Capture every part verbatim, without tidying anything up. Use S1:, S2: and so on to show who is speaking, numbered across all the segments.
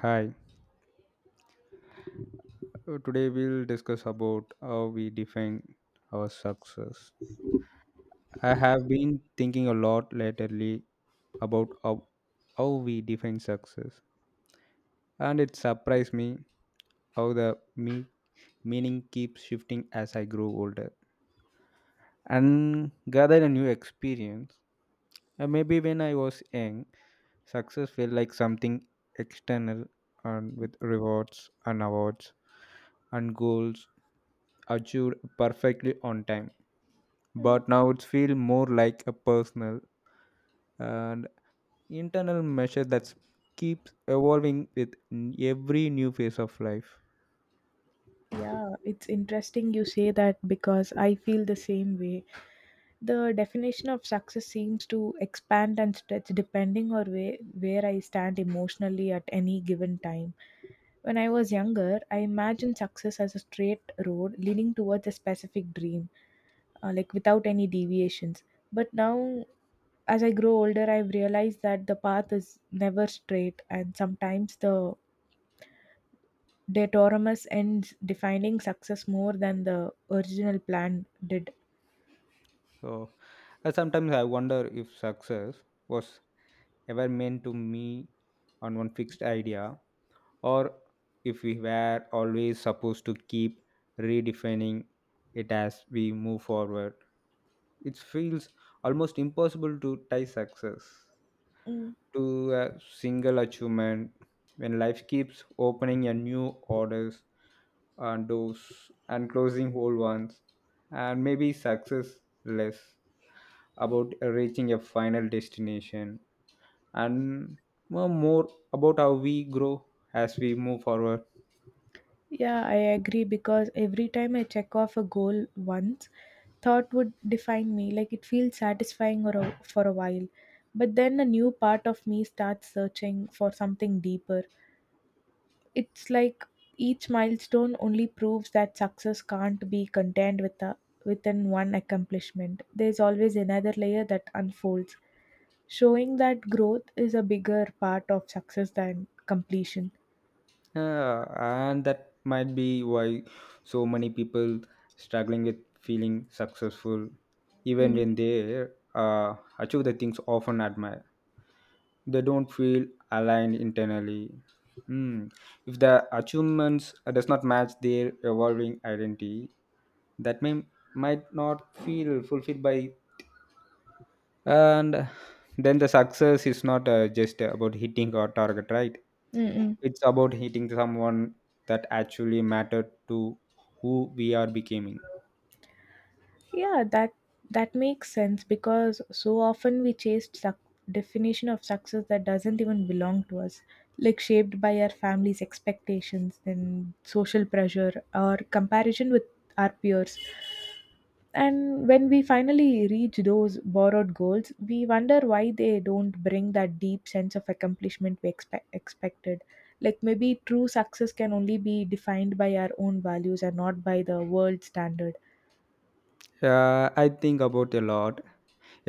S1: Hi. Uh, Today we'll discuss about how we define our success. I have been thinking a lot lately about how, how we define success, and it surprised me how the me- meaning keeps shifting as I grow older and gather a new experience. Uh, maybe when I was young, success felt like something external and with rewards and awards and goals achieved perfectly on time.
S2: Mm.
S1: But now it feels more like a personal and internal measure that keeps evolving with n- every new phase of life.
S2: Yeah, it's interesting you say that because I feel the same way. The definition of success seems to expand and stretch depending on where, where I stand emotionally at any given time. When I was younger, I imagined success as a straight road leading towards a specific dream, uh, like without any deviations. But now, as I grow older, I've realized that the path is never straight, and sometimes the Deitormus ends defining success more than the original plan did.
S1: So uh, sometimes I wonder if success was ever meant to me on one fixed idea or if we were always supposed to keep redefining it as we move forward. It feels almost impossible to tie success
S2: Mm.
S1: to a single achievement when life keeps opening a new orders and doors and closing old ones, and maybe success less about reaching a final destination and more more about how we grow as we move forward.
S2: Yeah, I agree because every time I check off a goal once, thought would define me. Like it feels satisfying or a, for a while. But then a new part of me starts searching for something deeper. It's like each milestone only proves that success can't be contained with a, within one accomplishment. There's always another layer that unfolds, showing that growth is a bigger part of success than completion.
S1: Yeah, and that might be why so many people struggling with feeling successful even
S2: Mm.
S1: when they uh, achieve the things often admire, they don't feel aligned internally. Hmm. If the achievements uh, does not match their evolving identity, that may might not feel fulfilled by, and then the success is not uh, just about hitting a target, right?
S2: Mm-mm.
S1: It's about hitting someone that actually mattered to who we are becoming.
S2: Yeah, that that makes sense because so often we chase suc definition of success that doesn't even belong to us, like shaped by our family's expectations, then social pressure or comparison with our peers. And when we finally reach those borrowed goals, we wonder why they don't bring that deep sense of accomplishment we expect, expected. Like maybe true success can only be defined by our own values and not by the world standard.
S1: uh, I think about a lot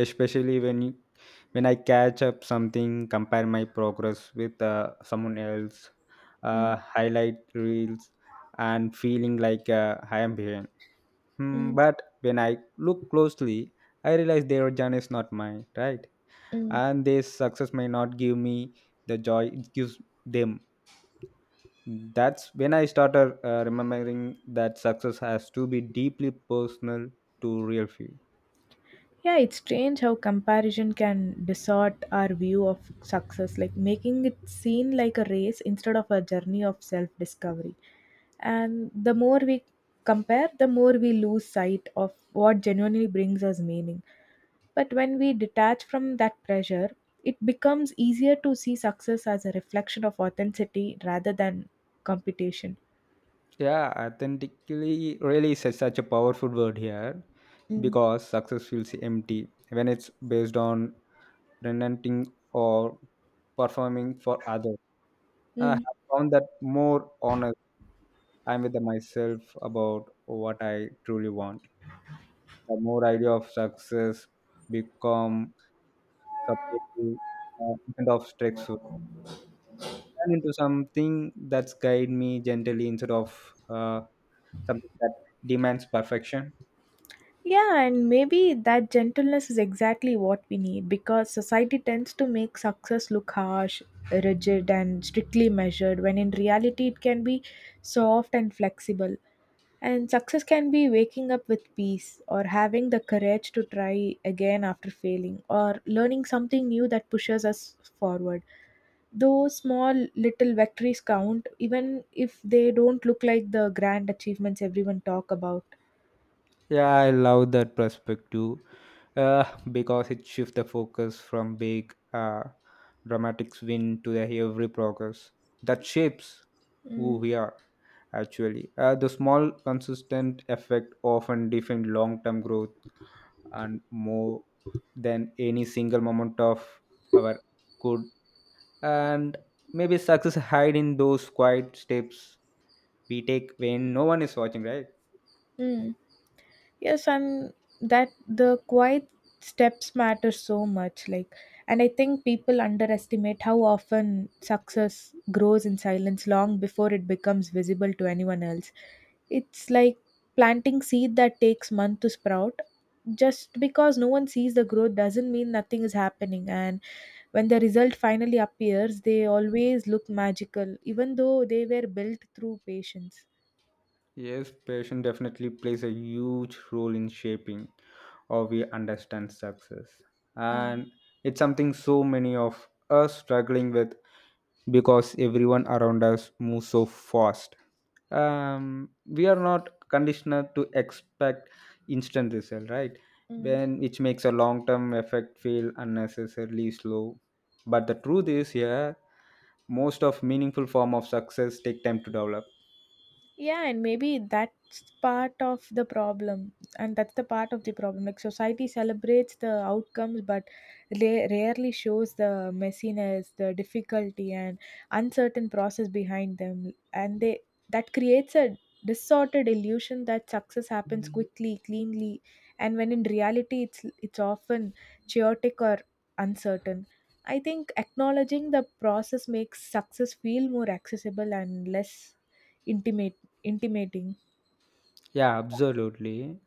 S1: especially when you, when I catch up something compare my progress with uh, someone else
S2: Mm,
S1: uh, highlight reels and feeling like uh, I am behind. Hmm,
S2: mm,
S1: but when I look closely I realize their journey is not mine, right?
S2: mm.
S1: And this success may not give me the joy it gives them. That's when I started uh, remembering that success has to be deeply personal to real feel.
S2: Yeah, it's strange how comparison can distort our view of success, like making it seem like a race instead of a journey of self discovery. And the more we compare, the more we lose sight of what genuinely brings us meaning. But when we detach from that pressure, it becomes easier to see success as a reflection of authenticity rather than competition.
S1: Yeah, authentically really is such a powerful word here
S2: Mm.
S1: because success feels empty when it's based on relenting or performing for others. I have
S2: Mm.
S1: found that more honest I'm with myself about what I truly want. The more idea of success become supportive uh, instead of stressful and into something that's guide me gently instead of uh, something that demands perfection.
S2: Yeah, and maybe that gentleness is exactly what we need because society tends to make success look harsh, rigid, and strictly measured when in reality it can be soft and flexible. And success can be waking up with peace or having the courage to try again after failing or learning something new that pushes us forward. Those small little victories count even if they don't look like the grand achievements everyone talk about.
S1: Yeah, I love that perspective uh, because it shifts the focus from big uh, dramatic win to the every progress that shapes who
S2: Mm.
S1: we are actually. Uh, the small consistent effect often defines long-term growth and more than any single moment of our good, and maybe success hide in those quiet steps we take when no one is watching, right?
S2: Mm. Yes, and that the quiet steps matter so much. Like, and I think people underestimate how often success grows in silence long before it becomes visible to anyone else. It's like planting seed that takes months to sprout. Just because no one sees the growth doesn't mean nothing is happening. And when the result finally appears, they always look magical, even though they were built through patience.
S1: Yes, passion definitely plays a huge role in shaping how we understand success.
S2: Mm,
S1: And it's something so many of us struggling with because everyone around us moves so fast. Um, we are not conditioned to expect instant result, right?
S2: mm.
S1: When which makes a long-term effect feel unnecessarily slow. But the truth is, yeah, most of meaningful form of success take time to develop.
S2: Yeah, and maybe that's part of the problem and that's the part of the problem, like society celebrates the outcomes but la- rarely shows the messiness, the difficulty and uncertain process behind them, and they that creates a distorted illusion that success happens Mhm. quickly, cleanly, and when in reality it's it's often chaotic or uncertain. I think acknowledging the process makes success feel more accessible and less intimate intimating.
S1: Yeah, absolutely.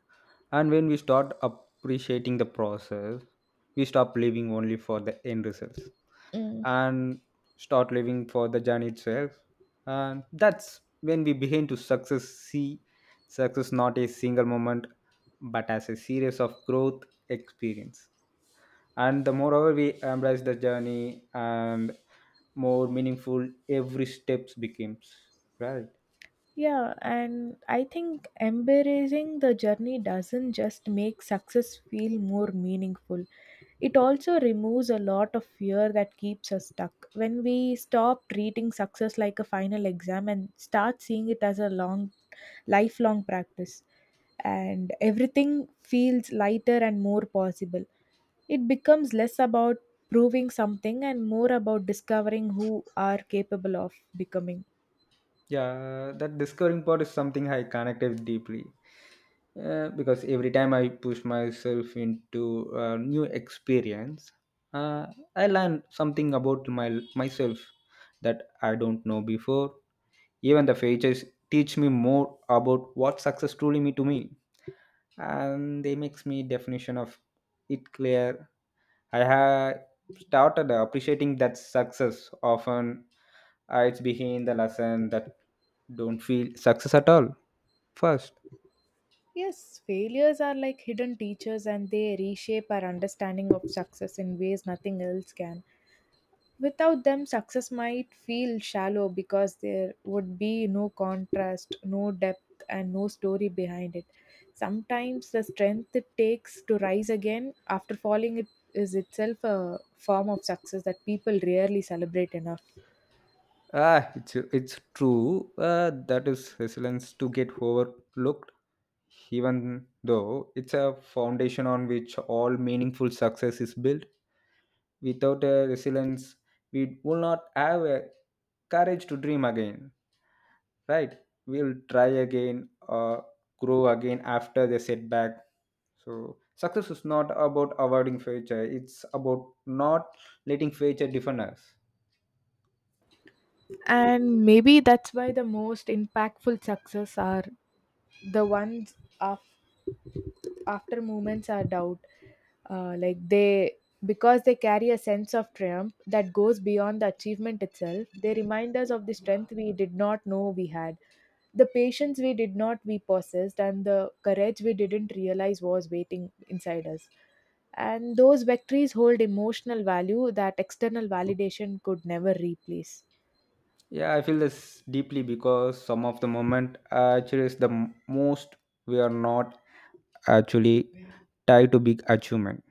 S1: And when we start appreciating the process, we stop living only for the end results
S2: Mm,
S1: and start living for the journey itself. And that's when we begin to success see success not a single moment but as a series of growth experience. And the moreover we embrace the journey and more meaningful every steps becomes. Right.
S2: yeah, and I think embracing the journey doesn't just make success feel more meaningful. It also removes a lot of fear that keeps us stuck. When we stop treating success like a final exam and start seeing it as a long lifelong practice, and everything feels lighter and more possible. It becomes less about proving something and more about discovering who are capable of becoming.
S1: Yeah, that discovering part is something I connected deeply uh, because every time I push myself into a new experience, uh, I learn something about my myself that I don't know before. Even the failures teach me more about what success truly mean to me, and they makes me definition of it clear. I have started appreciating that success often uh, it's behind the lesson that don't feel success at all first.
S2: Yes, failures are like hidden teachers and they reshape our understanding of success in ways nothing else can. Without them, success might feel shallow because there would be no contrast, no depth, and no story behind it. Sometimes the strength it takes to rise again after falling it is itself a form of success that people rarely celebrate enough.
S1: Ah, it's it's true. Uh, that is resilience to get overlooked, even though it's a foundation on which all meaningful success is built. Without a resilience, we will not have a courage to dream again. Right? We'll try again, uh, grow again after the setback. So success is not about avoiding failure. It's about not letting failure define us.
S2: And maybe that's why the most impactful success are the ones of after moments are doubt, uh, like they because they carry a sense of triumph that goes beyond the achievement itself. They remind us of the strength we did not know we had, the patience we did not we possessed, and the courage we didn't realize was waiting inside us. And those victories hold emotional value that external validation could never replace.
S1: Yeah, I feel this deeply because some of the moment actually is the m- most we are not actually tied to big achievement,